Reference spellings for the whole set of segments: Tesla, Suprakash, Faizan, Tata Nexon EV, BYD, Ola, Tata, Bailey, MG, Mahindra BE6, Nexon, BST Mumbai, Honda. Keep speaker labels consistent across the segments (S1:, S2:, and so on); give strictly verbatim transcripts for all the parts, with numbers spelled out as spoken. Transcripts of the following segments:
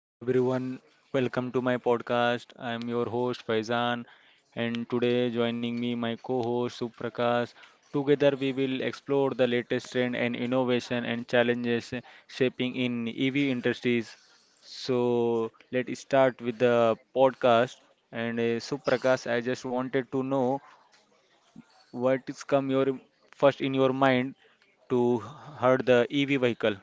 S1: Hello everyone, welcome to my podcast. I am your host Faizan and today joining me my co-host Suprakash. Together we will explore the latest trend and innovation and challenges shaping in E V industries. So let's start with the podcast and uh, Suprakash, I just wanted to know what is come your first in your mind to heard the E V vehicle.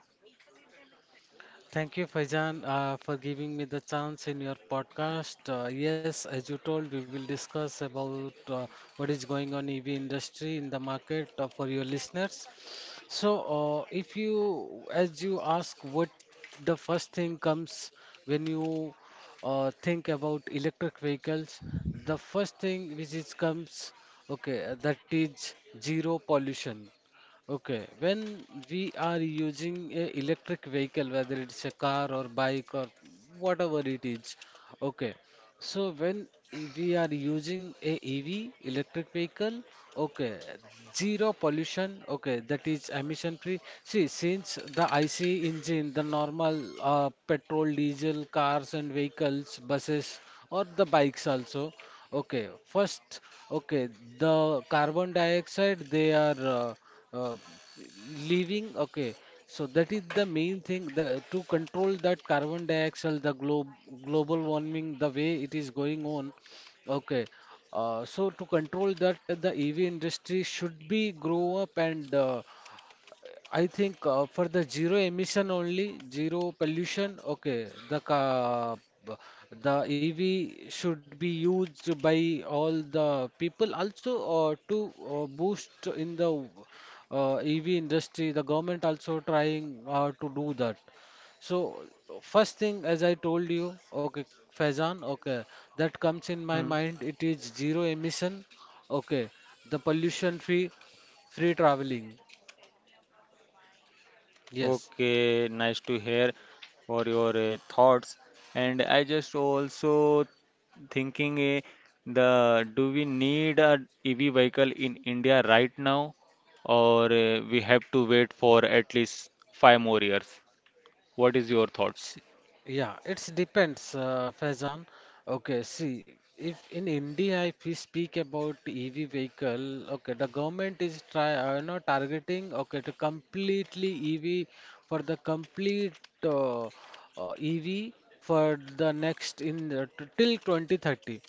S2: Thank you, Faizan, uh, for giving me the chance in your podcast. Uh, yes, as you told, we will discuss about uh, what is going on E V industry in the market uh, for your listeners. So, uh, if you, as you ask, what the first thing comes when you uh, think about electric vehicles, the first thing which is comes, okay, that is zero pollution. Okay, when we are using a electric vehicle, whether it's a car or bike or whatever it is, okay. So when i- we are using a E V, electric vehicle, okay, zero pollution, okay, that is emission free. See, since the I C engine, the normal uh, petrol, diesel cars and vehicles, buses or the bikes also, okay. First, okay, the carbon dioxide they are Uh, uh, leaving, okay, so that is the main thing, the, to control that carbon dioxide, the globe global warming, the way it is going on, okay. Uh, so to control that, the E V industry should be grow up, and uh, I think uh, for the zero emission only, zero pollution, okay, the ca b- the E V should be used by all the people also uh, to uh, boost in the uh, E V industry, the government also trying uh, to do that. So first thing, as I told you, okay, Faizan, okay, that comes in my
S1: Hmm.
S2: mind. It is zero emission, okay, the pollution free, free traveling. Yes.
S1: Okay, nice to hear for your uh, thoughts. And I just also thinking uh, the do we need a E V vehicle in India right now, or uh, we have to wait for at least five more years? What is your thought?
S2: See, yeah, it depends, uh, Faizan. Okay, see, if in India, if we speak about E V vehicle, okay, the government is try, uh, you know, targeting, okay, to completely E V, for the complete uh, uh, E V for the next in the, t- till twenty thirty.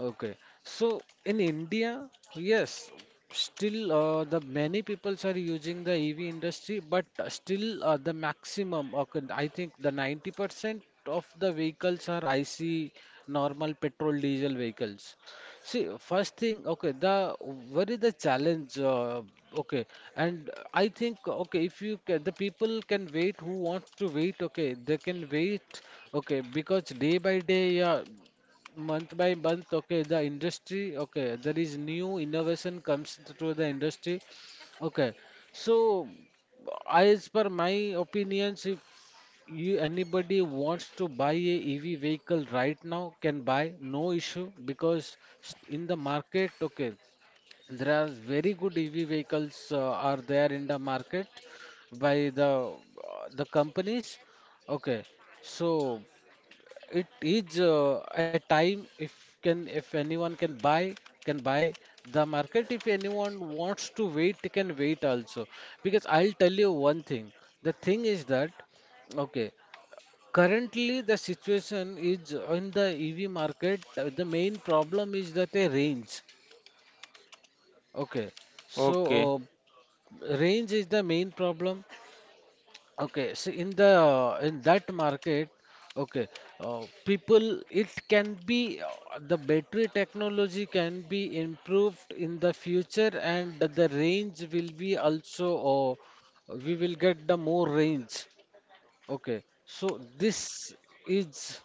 S2: Okay, so in India, yes, still uh, the many peoples are using the E V industry, but uh, still uh, the maximum, okay, I think the ninety percent of the vehicles are I C, normal petrol diesel vehicles. See, first thing, okay, the what is the challenge? Uh, okay, and I think, okay, if you ca the people can wait who want to wait, okay, they can wait, okay, because day by day, yeah, month by month, okay, the industry, okay, there is new innovation comes to the industry. Okay, so as per my opinions, if you anybody wants to buy a E V vehicle right now, can buy, no issue, because s- in the market, okay, there are very good E V vehicles uh, are there in the market by the uh, the companies. Okay, so it is uh, a time, if can if anyone can buy, can buy the market, if anyone wants to wait, they can wait also, because I'll tell you one thing. The thing is that, okay, currently the situation is in the E V market, uh, the main problem is that a range, okay. So
S1: Okay.
S2: uh, range is the main problem. Okay, so in the in that market, okay, uh, people, it can be, uh, the battery technology can be improved in the future, and the range will be also, uh, we will get the more range. Okay, so this is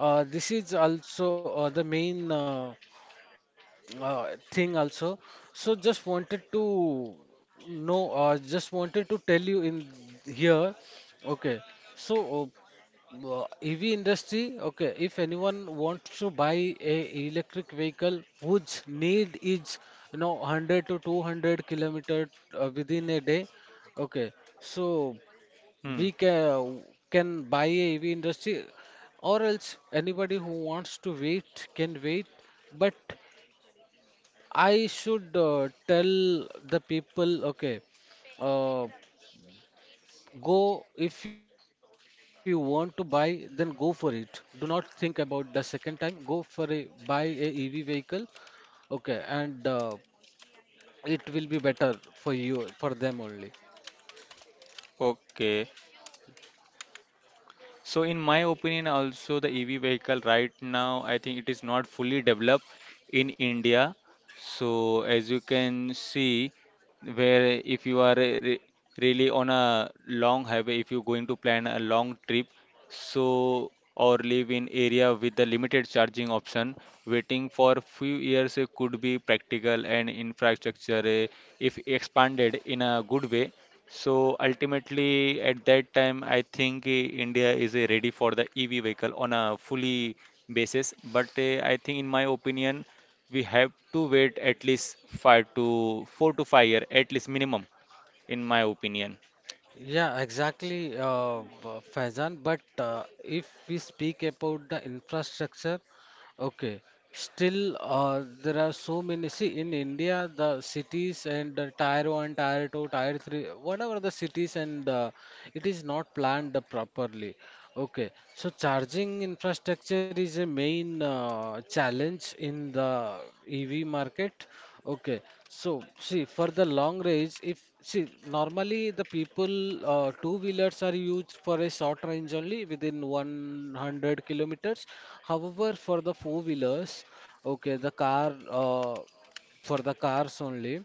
S2: uh, this is also uh, the main uh, uh, thing also. So just wanted to know, uh, just wanted to tell you in here. Okay, so uh, uh, E V industry. Okay, if anyone wants to buy a electric vehicle whose need is you know one hundred to two hundred kilometer uh, within a day. Okay, so
S1: Hmm.
S2: we can can buy a E V industry, or else anybody who wants to wait can wait. But I should uh, tell the people, okay, uh, go if you want to buy, then go for it. Do not think about the second time. Go for a buy a E V vehicle, okay, and uh, it will be better for you, for them only.
S1: Okay. So in my opinion, also the E V vehicle right now, I think it is not fully developed in India. So as you can see, where if you are re- re- really on a long highway, if you're going to plan a long trip, so or live in area with the limited charging option, waiting for few years uh, could be practical and infrastructure uh, if expanded in a good way, so ultimately, at that time, I think uh, India is uh, ready for the E V vehicle on a fully basis. But uh, I think, in my opinion, we have to wait at least five to four to five year, at least minimum, in my opinion.
S2: Yeah, exactly, uh, b- Faizan. But uh, if we speak about the infrastructure, okay, still uh, there are so many. See, in India, the cities and uh, tier one, tier two, tier three, whatever the cities, and uh, it is not planned properly. Okay, so charging infrastructure is a main uh, challenge in the E V market. Okay, so see, for the long range, if see normally the people uh, two wheelers are used for a short range only within one hundred kilometers. However, for the four wheelers, okay, the car uh, for the cars only.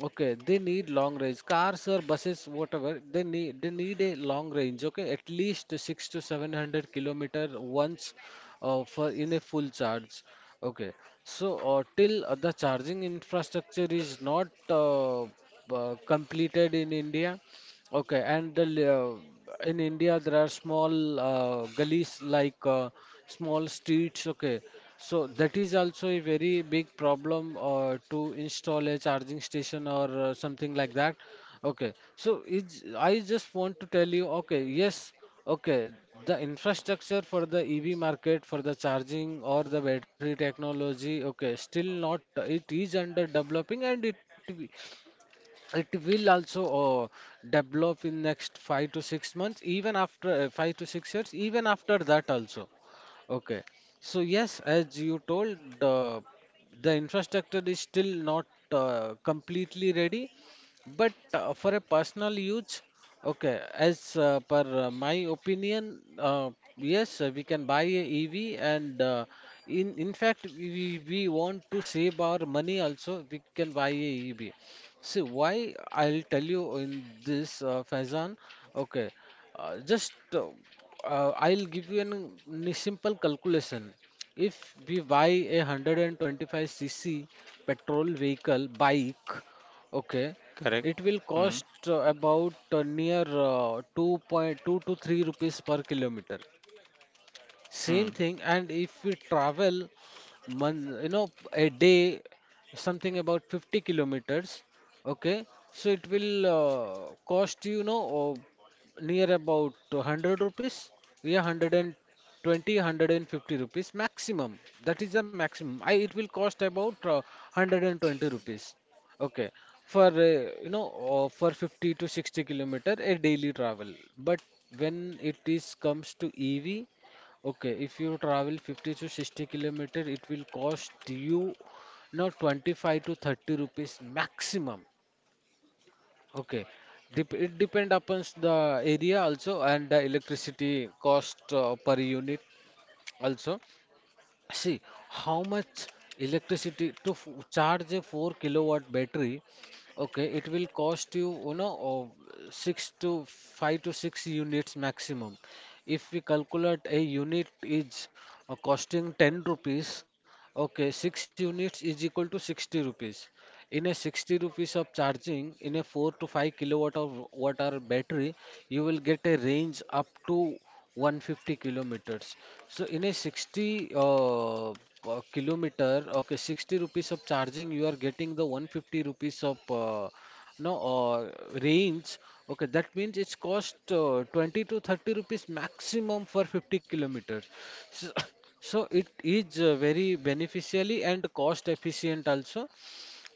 S2: Okay, they need long range. Cars or buses, whatever, they need they need a long range. Okay, at least six to seven hundred kilometer once, uh, for in a full charge. Okay, so uh, till uh, the charging infrastructure is not uh, uh, completed in India. Okay, and the, li- uh, in India there are small uh, gullies, like uh, small streets. Okay, so that is also a very big problem uh, to install a charging station or uh, something like that. Okay, so it's, I just want to tell you. Okay, yes. Okay, the infrastructure for the E V market, for the charging or the battery technology, okay, still not. It is under developing, and it it will also uh, develop in next five to six months, even after uh, five to six years, even after that also, okay. So yes, as you told, the the infrastructure is still not uh, completely ready, but uh, for a personal use, okay, as uh, per uh, my opinion, uh, yes, uh, we can buy a ev, and uh, in in fact, we we we want to save our money also, we can buy a ev. See, why I'll tell you in this, uh, Faizan. Okay, uh, just uh, uh, I'll give you an, n- simple calculation. If we buy a one hundred twenty-five cc petrol vehicle bike, okay,
S1: Correct.
S2: it will
S1: Hmm.
S2: cost uh, about uh, near uh, two point two to three rupees per kilometer.
S1: Hmm.
S2: Same thing, and if we travel one, you know, a day, something about fifty kilometers, okay, so it will uh, cost you, you know, uh, near about one hundred rupees, yeah, one hundred twenty rupees maximum. That is the maximum. I, it will cost about uh, one hundred twenty rupees, okay, for, uh, you know, uh, for fifty to sixty kilometer a daily travel. But when it is comes to E V, okay, if you travel fifty to sixty kilometer, it will cost you now twenty-five to thirty rupees maximum. Okay, Dep it depend upon the area also, and the electricity cost uh, per unit also. See how much electricity to f charge a four kilowatt battery. Okay, it will cost you, you know, uh, six to five to six units maximum. If we calculate a unit is uh, costing ten rupees, okay, six units is equal to sixty rupees. In a sixty rupees of charging, in a four to five kilowatt of watt hour battery, you will get a range up to one fifty kilometers. So in a sixty uh, uh, kilometer, okay, sixty rupees of charging, you are getting the one fifty rupees of uh, no uh, range. Okay, that means it's cost uh, twenty to thirty rupees maximum for fifty kilometers. So, so it is uh, very beneficially and cost efficient also.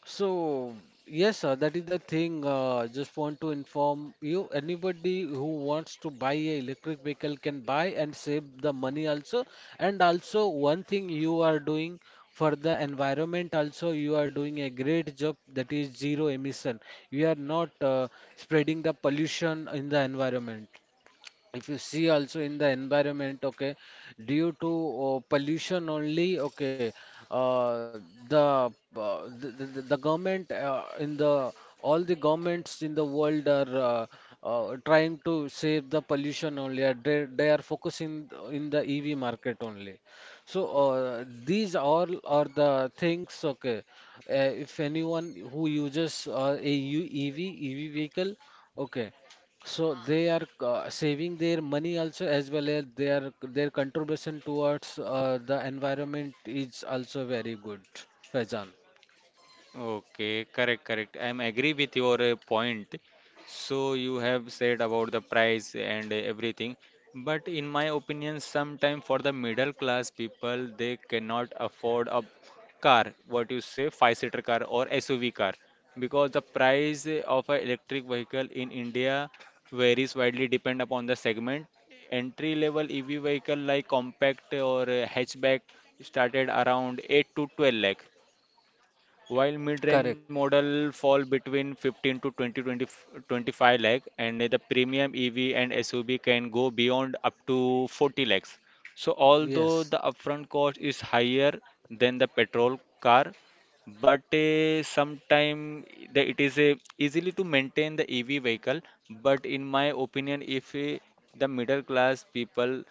S2: So, yes, sir, that is the thing. Uh, just want to inform you, anybody who wants to buy a electric vehicle can buy and save the money also. And also, one thing you are doing for the environment also, you are doing a great job, that is zero emission. You are not uh, spreading the pollution in the environment. If you see also in the environment, okay, due to uh, pollution only, okay, uh, the, uh, the, the the government uh, in the all the governments in the world are uh, uh, trying to save the pollution only, uh, they, they are focusing in the E V market only. So uh, these all are the things, okay. uh, if anyone who uses uh, a U- E V E V vehicle, okay, so they are uh, saving their money also, as well as their their contribution towards uh, the environment is also very good, Faizan.
S1: Okay, correct, correct. I'm agree with your uh, point. So you have said about the price and everything, but in my opinion, sometime for the middle class people, they cannot afford a car, what you say, five-seater car or S U V car, because the price of an electric vehicle in India varies widely depend upon the segment. Entry level E V vehicle like compact or uh, hatchback started around eight to twelve lakh, while mid-range
S2: Correct.
S1: model fall between fifteen to twenty, twenty, twenty-five lakh, and the premium E V and S U V can go beyond up to forty lakhs. So
S2: Yes.
S1: although the upfront cost is higher than the petrol car, but uh, sometime it is uh, easily to maintain the E V vehicle. But in my opinion, if uh, the middle class people,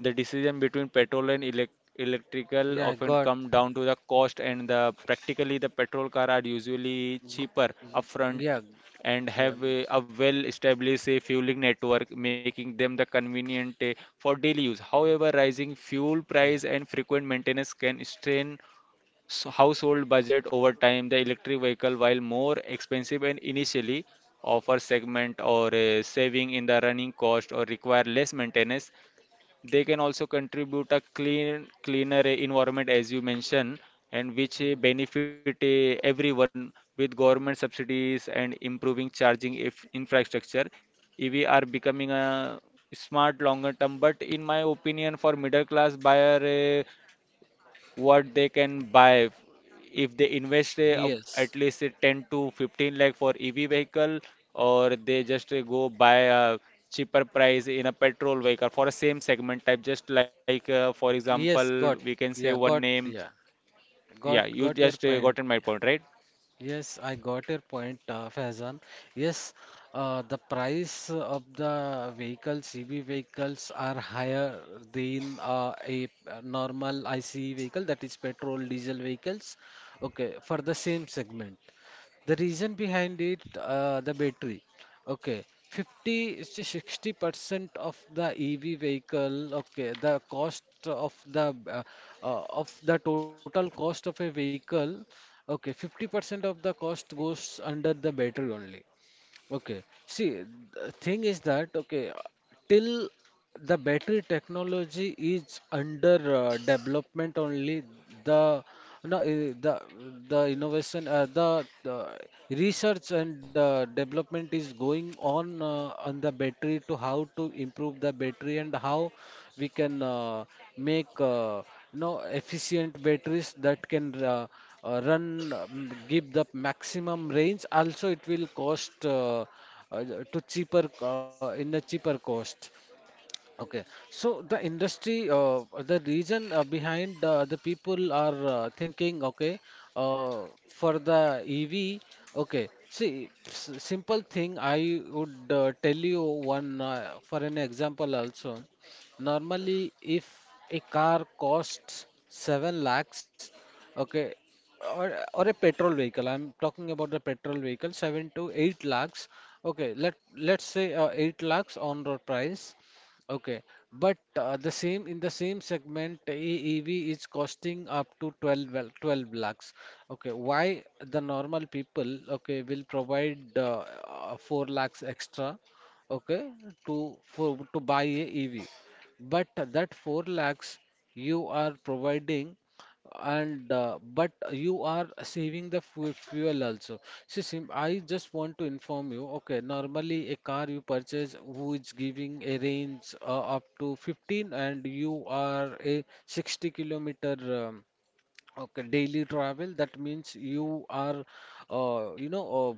S1: the decision between petrol and elec electrical
S2: Yeah,
S1: often
S2: got.
S1: come down to the cost, and the practically the petrol car are usually
S2: G
S1: cheaper upfront
S2: yeah,
S1: and
S2: yeah,
S1: have a, a well-established a fueling network, making them the convenient eh, for daily use. However, rising
S2: yeah.
S1: fuel price and frequent maintenance can strain s- household budget over time. The electric vehicle, while more expensive and initially offer segment or a saving in the running cost or require less maintenance, they can also contribute a clean cleaner eh, environment as you mentioned, and which eh, benefit eh, everyone with government subsidies and improving charging if infrastructure, ev are becoming a smart longer term. But in my opinion for middle class buyer, eh, what they can buy, f- if they invest uh, um,
S2: Yes.
S1: at least uh, ten to fifteen lakh for E V vehicle, or they just uh, go buy a cheaper price in a petrol vehicle for a same segment type, just like uh, for example,
S2: Yes,
S1: we
S2: got.
S1: can say
S2: Yeah,
S1: one
S2: got.
S1: name,
S2: Yeah,
S1: yeah,
S2: got.
S1: you
S2: Got
S1: just
S2: your
S1: uh,
S2: point.
S1: gotten my
S2: yeah.
S1: point right.
S2: Yes, I got your point, uh, Faizan. Yes, uh, the price of the vehicles, E V vehicles, are higher than uh, a uh, normal I C E vehicle, that is petrol, diesel vehicles. Okay, for the same segment. The reason behind it, uh, the battery. Okay, fifty to sixty percent of the E V vehicle, okay, the cost of the uh, uh, of the total cost of a vehicle. Okay, fifty percent of the cost goes under the battery only. Okay, see, the thing is that, okay, till the battery technology is under uh, development only, the no, eh, the the innovation, uh, the, the research and uh, development is going on uh, on the battery, to how to improve the battery and how we can uh, make uh, no efficient batteries that can uh, uh, run, uh, give the maximum range. Also it will cost uh, uh, to cheaper, uh, in the cheaper cost. Okay, so the industry, uh, the reason uh, behind uh, the people are uh, thinking, okay, uh, for the E V. Okay, see, s simple thing, I would uh, tell you one, uh, for an example also. Normally, if a car costs seven lakhs, okay, or, or a petrol vehicle, I'm talking about the petrol vehicle, seven to eight lakhs. Okay, let, let's say uh, eight lakhs on road price. Okay, but uh, the same in the same segment, E V is costing up to twelve, well, twelve lakhs. Okay, why the normal people, okay, will provide uh, uh, four lakhs extra, okay, to for to buy a E V, but that four lakhs you are providing and uh, but you are saving the fu- fuel also. See, Sim, I just want to inform you. Okay, normally a car you purchase, who is giving a range uh, up to fifteen, and you are a sixty kilometer um, okay daily travel, that means you are uh, you know uh,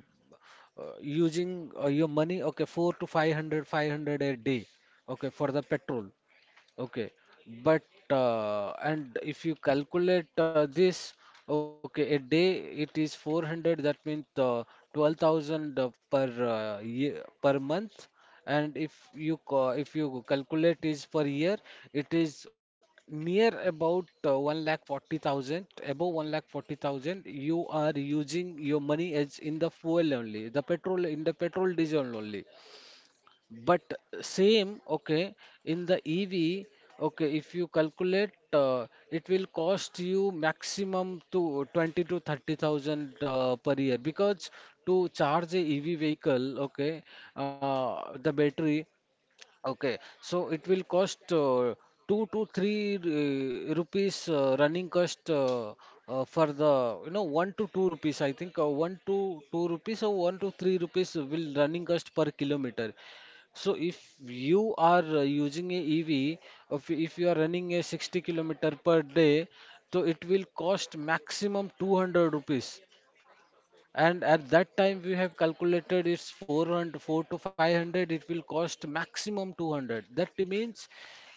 S2: uh, using uh, your money, okay, four to five hundred, five hundred a day, okay, for the petrol. Okay, but uh, and if you calculate uh, this, okay, a day it is four hundred, that means uh, twelve thousand uh, per uh, year, per month. And if you ca if you calculate is per year, it is near about uh, one lakh forty thousand, above one lakh forty thousand. You are using your money as in the fuel only, the petrol in the petrol diesel only. But same, okay, in the E V, okay, if you calculate, uh, it will cost you maximum to twenty to thirty thousand uh, per year, because to charge a E V vehicle, okay, uh, the battery. Okay, so it will cost uh, two to three uh, rupees uh, running cost, uh, uh, for the you know one to two rupees. I think uh, one to two rupees or one to three rupees will running cost per kilometer. So if you are uh, using a E V, if if you are running a sixty kilometer per day, so it will cost maximum two hundred rupees. And at that time, we have calculated it's four hundred four to five hundred. It will cost maximum two hundred. That means,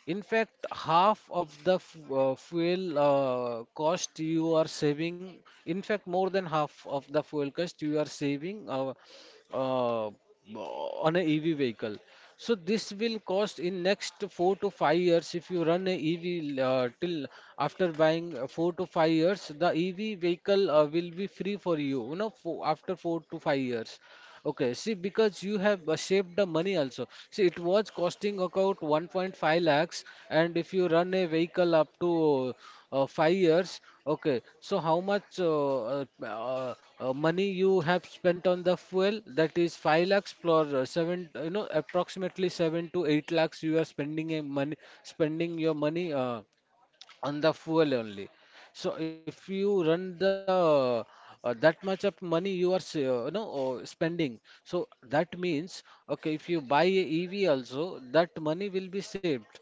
S2: in fact, half of the f uh, fuel uh, cost you are saving. In fact, more than half of the fuel cost you are saving, Uh, uh, on a E V vehicle. So this will cost. In next four to five years, if you run a E V uh, till after buying uh, four to five years, the E V vehicle uh, will be free for you, you know, for, after four to five years. Okay, see, because you have uh, shaped the money also. See, it was costing about one point five lakhs, and if you run a vehicle up to uh, five years. Okay, so how much uh, uh, uh, uh, money you have spent on the fuel? That is five lakhs plus uh, seven, you know, approximately seven to eight lakhs you are spending a money, spending your money, Uh, on the fuel only. So if you run the uh, that much of money you are s- uh, you know uh, spending. So that means, okay, if you buy a E V also, that money will be saved.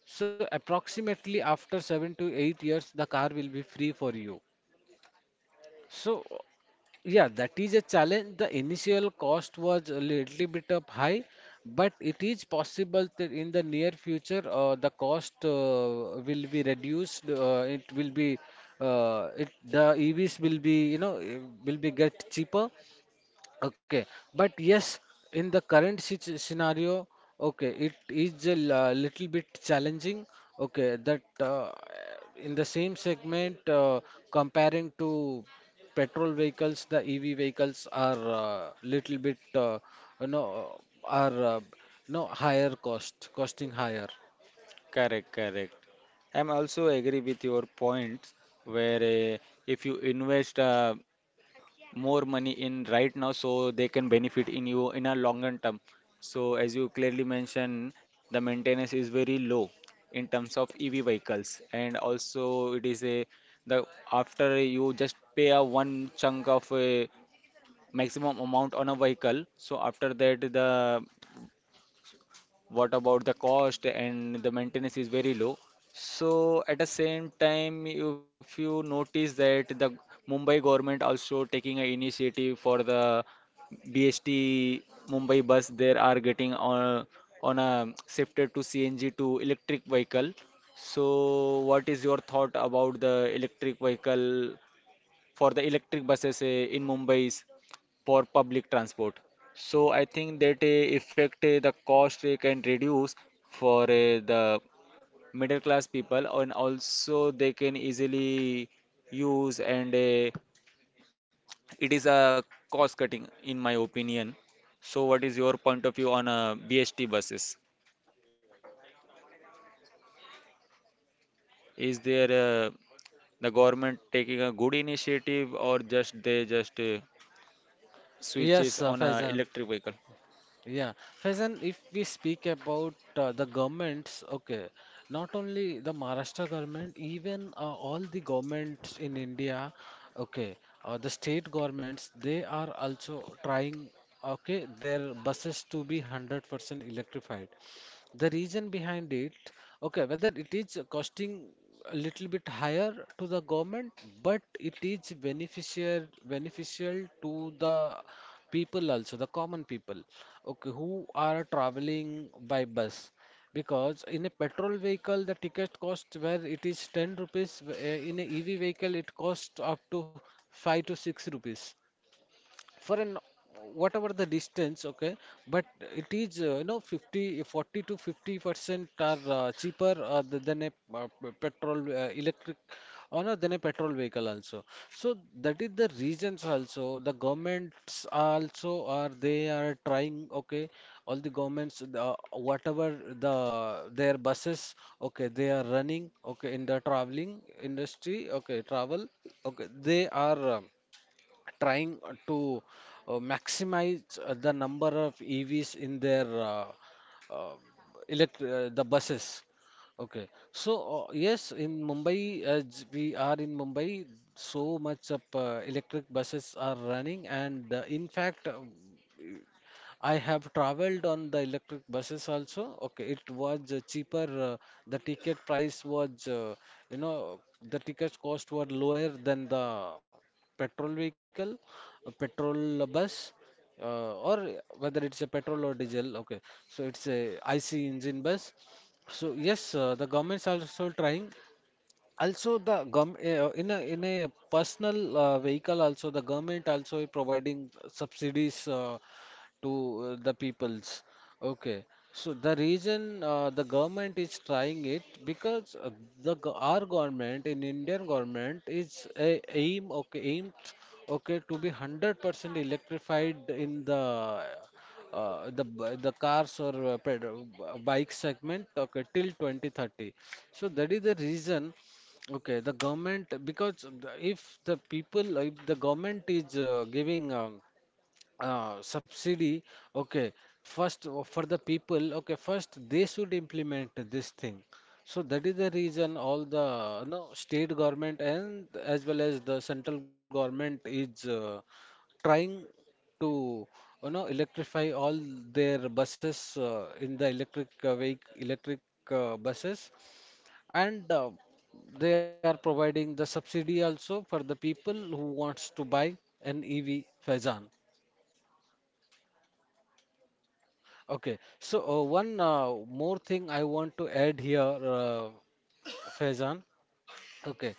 S2: So approximately after seven to eight years the car will be free for you. So, yeah, that is a challenge. The initial cost was a little bit up high, but it is possible that in the near future, uh, the cost uh, will be reduced. Uh, it will be, uh, it the E Vs will be, you know, eh, will be get cheaper. Okay, but yes, in the current sit- scenario, okay, it is a l- uh, little bit challenging. Okay, that uh, in the same segment, uh, comparing to petrol vehicles, the E V vehicles are uh, little bit, uh, you know, are uh, no higher cost, costing higher.
S1: Correct, correct. I'm also agree with your points where uh, if you invest uh, more money in right now, so they can benefit in you in a longer term. So as you clearly mentioned, the maintenance is very low in terms of E V vehicles, and also it is a the after you just pay a one chunk of a maximum amount on a vehicle. So after that, the what about the cost and the maintenance is very low, so at the same time, if you notice that the Mumbai government also taking an initiative for the B S T Mumbai bus, they are getting on on a shifted to C N G to electric vehicle. So what is your thought about the electric vehicle for the electric buses eh, in Mumbai for public transport. So I think that uh, effect uh, the cost uh, can reduce for uh, the middle class people, and also they can easily use, and uh, it is a cost cutting in my opinion. So what is your point of view on uh, B S T buses? Is there uh, the government taking a good initiative, or just they just uh,
S2: Yes,
S1: switches
S2: uh,
S1: on a
S2: Faizan.
S1: electric vehicle?
S2: Yeah, Faizan, if we speak about uh, the governments, okay, not only the Maharashtra government, even uh, all the governments in India, okay, uh, the state governments, they are also trying, okay, their buses to be hundred percent electrified. The reason behind it. Okay, whether it is costing a little bit higher to the government, but it is beneficial beneficial to the people also, the common people, okay, who are traveling by bus. Because in a petrol vehicle, the ticket cost where it is ten rupees, w- uh, in a E V vehicle, it costs up to five to six rupees for an whatever the distance, okay, but it is uh, you know fifty, forty to fifty percent are uh, cheaper, uh, th- than a uh, p- petrol, uh, electric, or no, than a petrol vehicle also. So that is the reasons also, the governments also, are they are trying, okay, all the governments, uh, whatever the their buses, okay, they are running, okay, in the traveling industry, okay travel okay, they are uh, trying uh, to uh, maximize uh, the number of E Vs in their uh, uh, elect uh, the buses. Okay, so uh, yes, in Mumbai, as we are in Mumbai, so much of uh, electric buses are running, and uh, in fact, uh, I have traveled on the electric buses also. Okay, it was uh, cheaper. Uh, the ticket price was, uh, you know, the ticket cost were lower than the petrol vehicle, a petrol bus, uh, or whether it's a petrol or diesel. Okay, so it's a I C engine bus. So yes, uh, the government's also trying. Also, the gov eh, uh, in a in a personal uh, vehicle also, the government also is providing subsidies uh, to uh, the peoples. Okay, so the reason uh, the government is trying it, because uh, the go- our government in Indian government is a aim okay aimed, okay, to be hundred percent electrified in the uh, the b- the cars or uh, ped- uh, bike segment, okay, till twenty thirty. So that is the reason. Okay, the government, because the- if the people if the government is uh, giving um, uh, subsidy, okay, first uh, for the people, okay, first they should implement this thing. So that is the reason all the you know, state government and as well as the central government is uh, trying to you know electrify all their buses uh, in the electric uh, vehicle electric uh, buses. And uh, they are providing the subsidy also for the people who wants to buy an E V, Faizan. Okay, so uh, one uh, more thing I want to add here, uh, Faizan. Okay,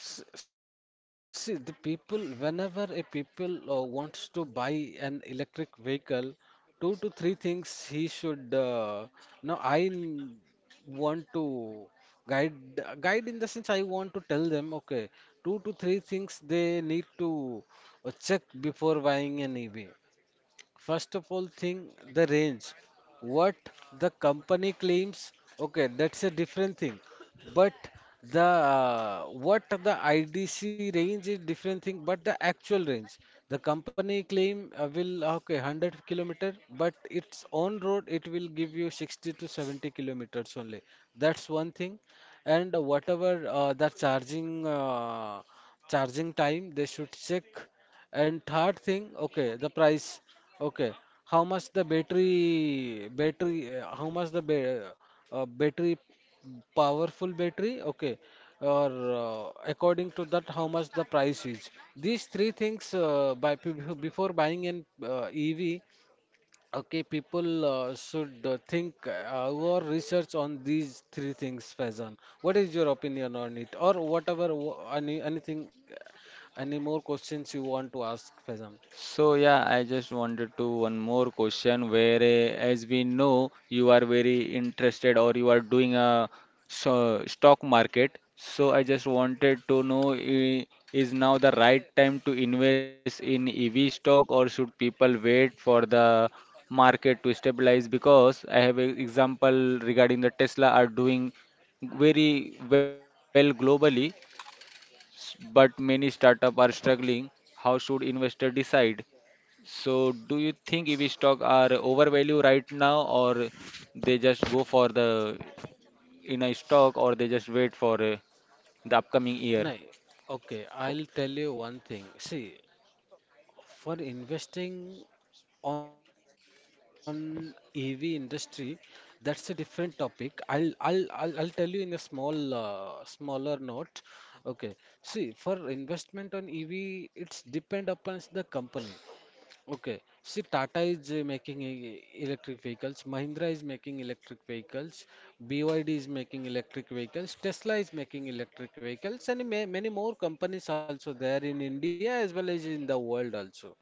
S2: S- see, the people, whenever a people uh, wants to buy an electric vehicle, two to three things he should. Uh, now, I n- want to guide, guide in the sense I want to tell them, okay, two to three things they need to uh, check before buying an E V. First of all, thing the range. What the company claims, okay, that's a different thing. But the uh, what the I D C range is different thing. But the actual range, the company claim uh, will, okay, hundred kilometer, but its on road it will give you sixty to seventy kilometers only. That's one thing. And whatever uh, the charging uh, charging time, they should check. And third thing, okay, the price. Okay. How much the battery battery uh, how much the ba uh, battery, powerful battery? Okay. Or uh, according to that how much the price is. These three things, uh, by bef- before buying an uh, E V, okay, people uh, should uh, think uh, or research on these three things, Faizan. What is your opinion on it? Or whatever wh- any anything, any more questions you want to ask, Faizan?
S1: So yeah, I just wanted to one more question where eh, as we know you are very interested or you are doing a so, stock market. So I just wanted to know eh, is now the right time to invest in E V stock, or should people wait for the market to stabilize? Because I have an example regarding the Tesla are doing very well globally, s- but many startup are struggling. How should investor decide? So, do you think E V stock are overvalued right now, or they just go for the in a stock, or they just wait for uh, the upcoming year?
S2: No, okay,
S1: For,
S2: I'll tell you one thing. See, for investing on E V industry, that's a different topic. I'll I'll I'll, I'll tell you in a small uh, smaller note. Okay. See, for investment on E V, it's depend upon the company. Okay. See, Tata is uh, making e- electric vehicles, Mahindra is making electric vehicles, B Y D is making electric vehicles, Tesla is making electric vehicles, and ma many more companies also there in India as well as in the world also.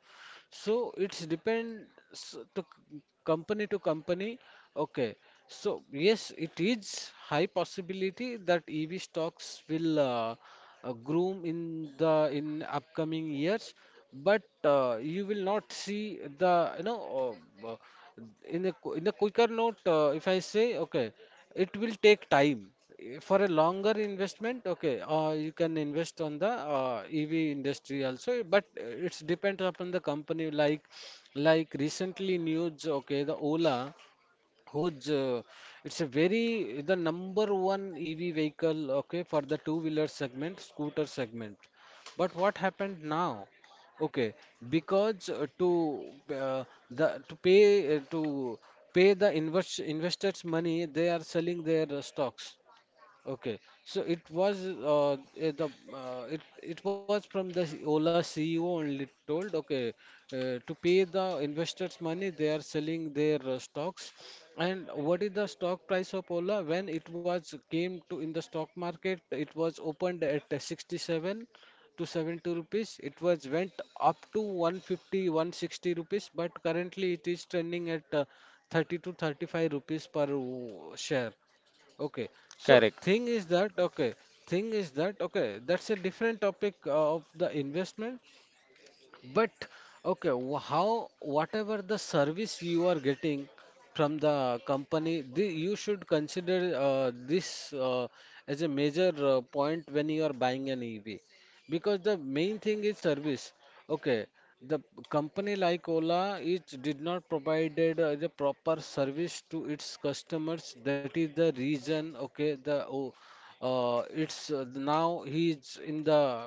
S2: So it's depends to c- company to company. Okay. So yes, it is high possibility that E V stocks will uh, uh, groom in the in upcoming years, but uh, you will not see the you know uh, uh, in the qu- in the quicker note. Uh, if I say, okay, it will take time for a longer investment. Okay, uh, you can invest on the uh, E V industry also, but it's depends upon the company. Like, like recently news, okay, the Ola, who's uh, it's a very the number one E V vehicle, okay, for the two wheeler segment, scooter segment, but what happened now? Okay, because uh, to uh, the to pay uh, to pay the invest investors money, they are selling their uh, stocks. Okay, so it was uh, eh, the uh, it it was from the Ola C E O only told, okay uh, to pay the investors money. They are selling their uh, stocks. And what is the stock price of Ola? When it was came to in the stock market, it was opened at uh, sixty-seven to seventy rupees. It was went up to 150 160 rupees, but currently it is trending at uh, thirty to thirty-five rupees per uh, share. Okay, so
S1: correct.
S2: thing is that okay, thing is that, okay, that's a different topic uh, of the investment. But okay, wh- how, whatever the service you are getting from the company, the, you should consider uh, this uh, as a major uh, point when you are buying an E V, because the main thing is service. Okay, the company like Ola, it did not provided uh, the proper service to its customers. That is the reason. Okay, the oh, uh, it's uh, now he's in the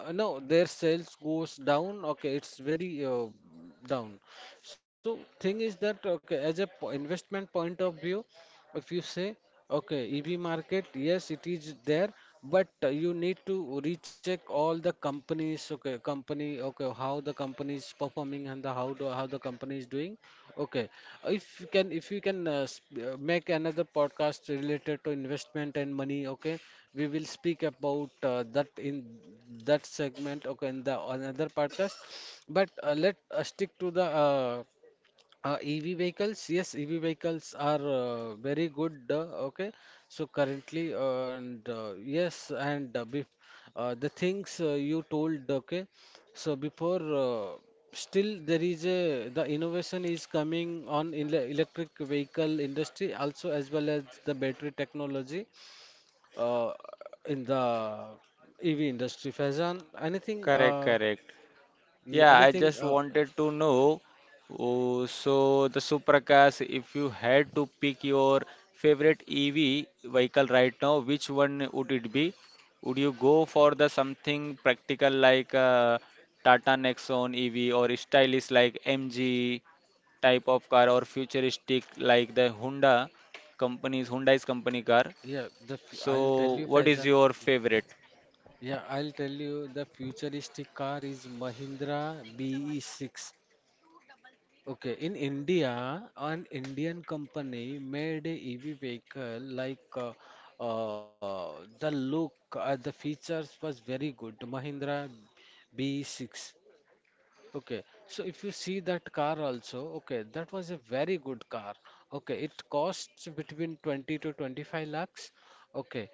S2: uh, no, their sales goes down. Okay, it's very uh, down. So thing is that, okay, as a po- investment point of view, if you say, okay, E V market, yes, it is there, but uh, you need to recheck all the companies, okay, company, okay, how the company is performing and the how do, how the company is doing, okay. if you can if you can uh, sp- uh, make another podcast related to investment and money, okay, we will speak about uh, that in that segment, okay, in the another podcast. But uh, let us stick to the uh, uh, E V vehicles. Yes, E V vehicles are uh, very good. Uh, okay, so currently, uh, and uh, yes, and uh, bef uh, the things uh, you told, okay, so before, uh, still there is a the innovation is coming on in the electric vehicle industry also, as well as the battery technology uh, in the E V industry. Faizan, anything, uh,
S1: Correct, correct.
S2: y-
S1: Yeah, I
S2: anything,
S1: just
S2: uh,
S1: wanted to know. Oh, so the Suprakash, if you had to pick your favorite E V vehicle right now, which one would it be? Would you go for the something practical like uh, Tata Nexon E V, or stylish like M G type of car, or futuristic like the Honda company's Hyundai's company car?
S2: yeah, the, f- I'll tell
S1: So,
S2: you,
S1: what is
S2: Faizan.
S1: your favorite?
S2: Yeah, I'll tell you the futuristic car is Mahindra B E six. Okay, in India, an Indian company made a E V vehicle, like uh, uh, the look, uh, the features was very good. Mahindra B E six. Okay, so if you see that car also, okay, that was a very good car. Okay, it costs between twenty to twenty-five lakhs. Okay,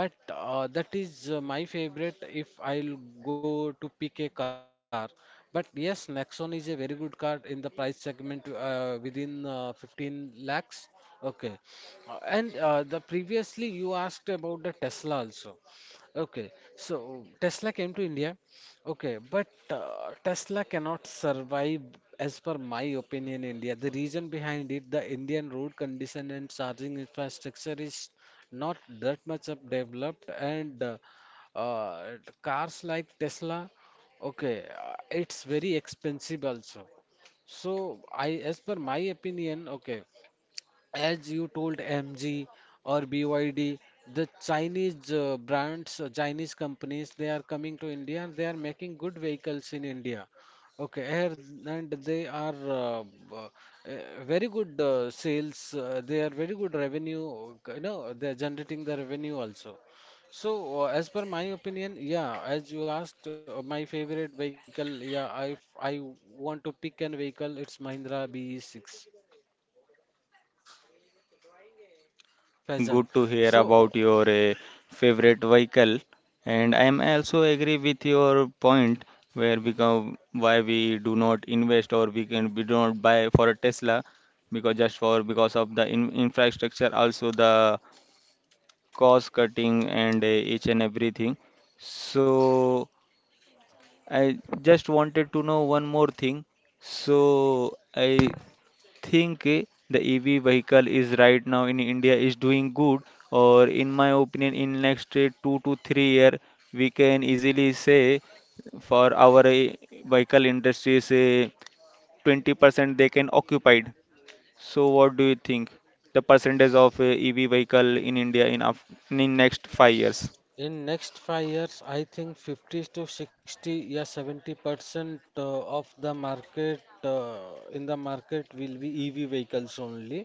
S2: but uh, that is uh, my favorite if I'll go to pick a car. But yes, Nexon is a very good car in the price segment uh, within uh, fifteen lakhs. Okay, Uh, and uh, the previously you asked about the Tesla also. Okay, so Tesla came to India. Okay, but uh, Tesla cannot survive, as per my opinion, India. The reason behind it, the Indian road condition and charging infrastructure is not that much up developed, and uh, uh, cars like Tesla, okay, uh, it's very expensive also. So I, as per my opinion, okay. As you told, M G or B Y D, the Chinese uh, brands, uh, Chinese companies, they are coming to India and they are making good vehicles in India. Okay, here- and they are uh, uh, uh, very good uh, sales. Uh, they are very good revenue. You know, they are generating the revenue also. So, uh, as per my opinion, yeah, as you asked, uh, my favorite vehicle, yeah, I I want to pick an vehicle. It's Mahindra B E six, Pheasant.
S1: Good to hear
S2: So, uh,
S1: about your uh, favorite vehicle, and I am also agree with your point where become why we do not invest, or we can we do not buy for a Tesla, because just for because of the in, infrastructure, also the cost cutting and uh, each and everything. So I just wanted to know one more thing. So I think eh, the E V vehicle is right now in India is doing good, or in my opinion, in next eh, two to three year, we can easily say for our eh, vehicle industry say twenty percent they can occupied. So what do you think? The percentage of eh, E V vehicle in India in af in next five years.
S2: In next five years, I think fifty to sixty, yeah, seventy percent uh, of the market uh, in the market will be E V vehicles only.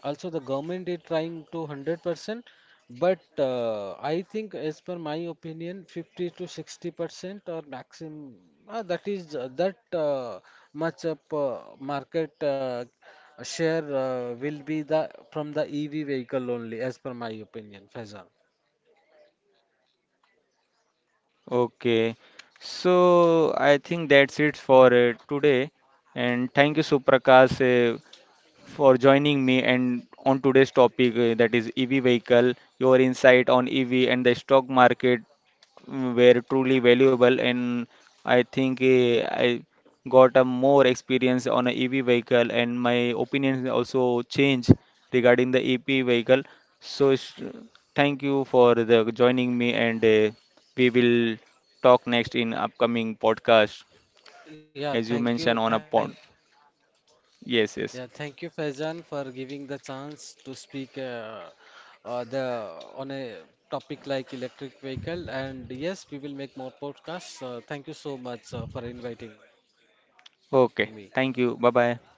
S2: Also, the government is trying to one hundred percent, but uh, I think, as per my opinion, fifty to sixty percent or maximum uh, that is uh, that uh, much of uh, market uh, share uh, will be the from the E V vehicle only, as per my opinion, Faizan.
S1: Okay, so I think that's it for uh, today. And thank you, Suprakash, for joining me and on today's topic uh, that is E V vehicle, your insight on E V and the stock market, mm, were truly valuable, and I think uh, I got a more experience on a E V vehicle, and my opinions also change regarding the E P vehicle. So s- thank you for the joining me, and uh, we will talk next in upcoming podcast as you
S2: Yeah,
S1: mentioned
S2: thank
S1: on a
S2: you,
S1: pod.
S2: thank
S1: Yes, yes.
S2: yeah, thank you, Faizan, for giving the chance to speak uh, uh, the on a topic like electric vehicle. And yes, we will make more podcasts. Uh, thank you so much uh, for inviting me.
S1: Okay. Thank you. Bye bye.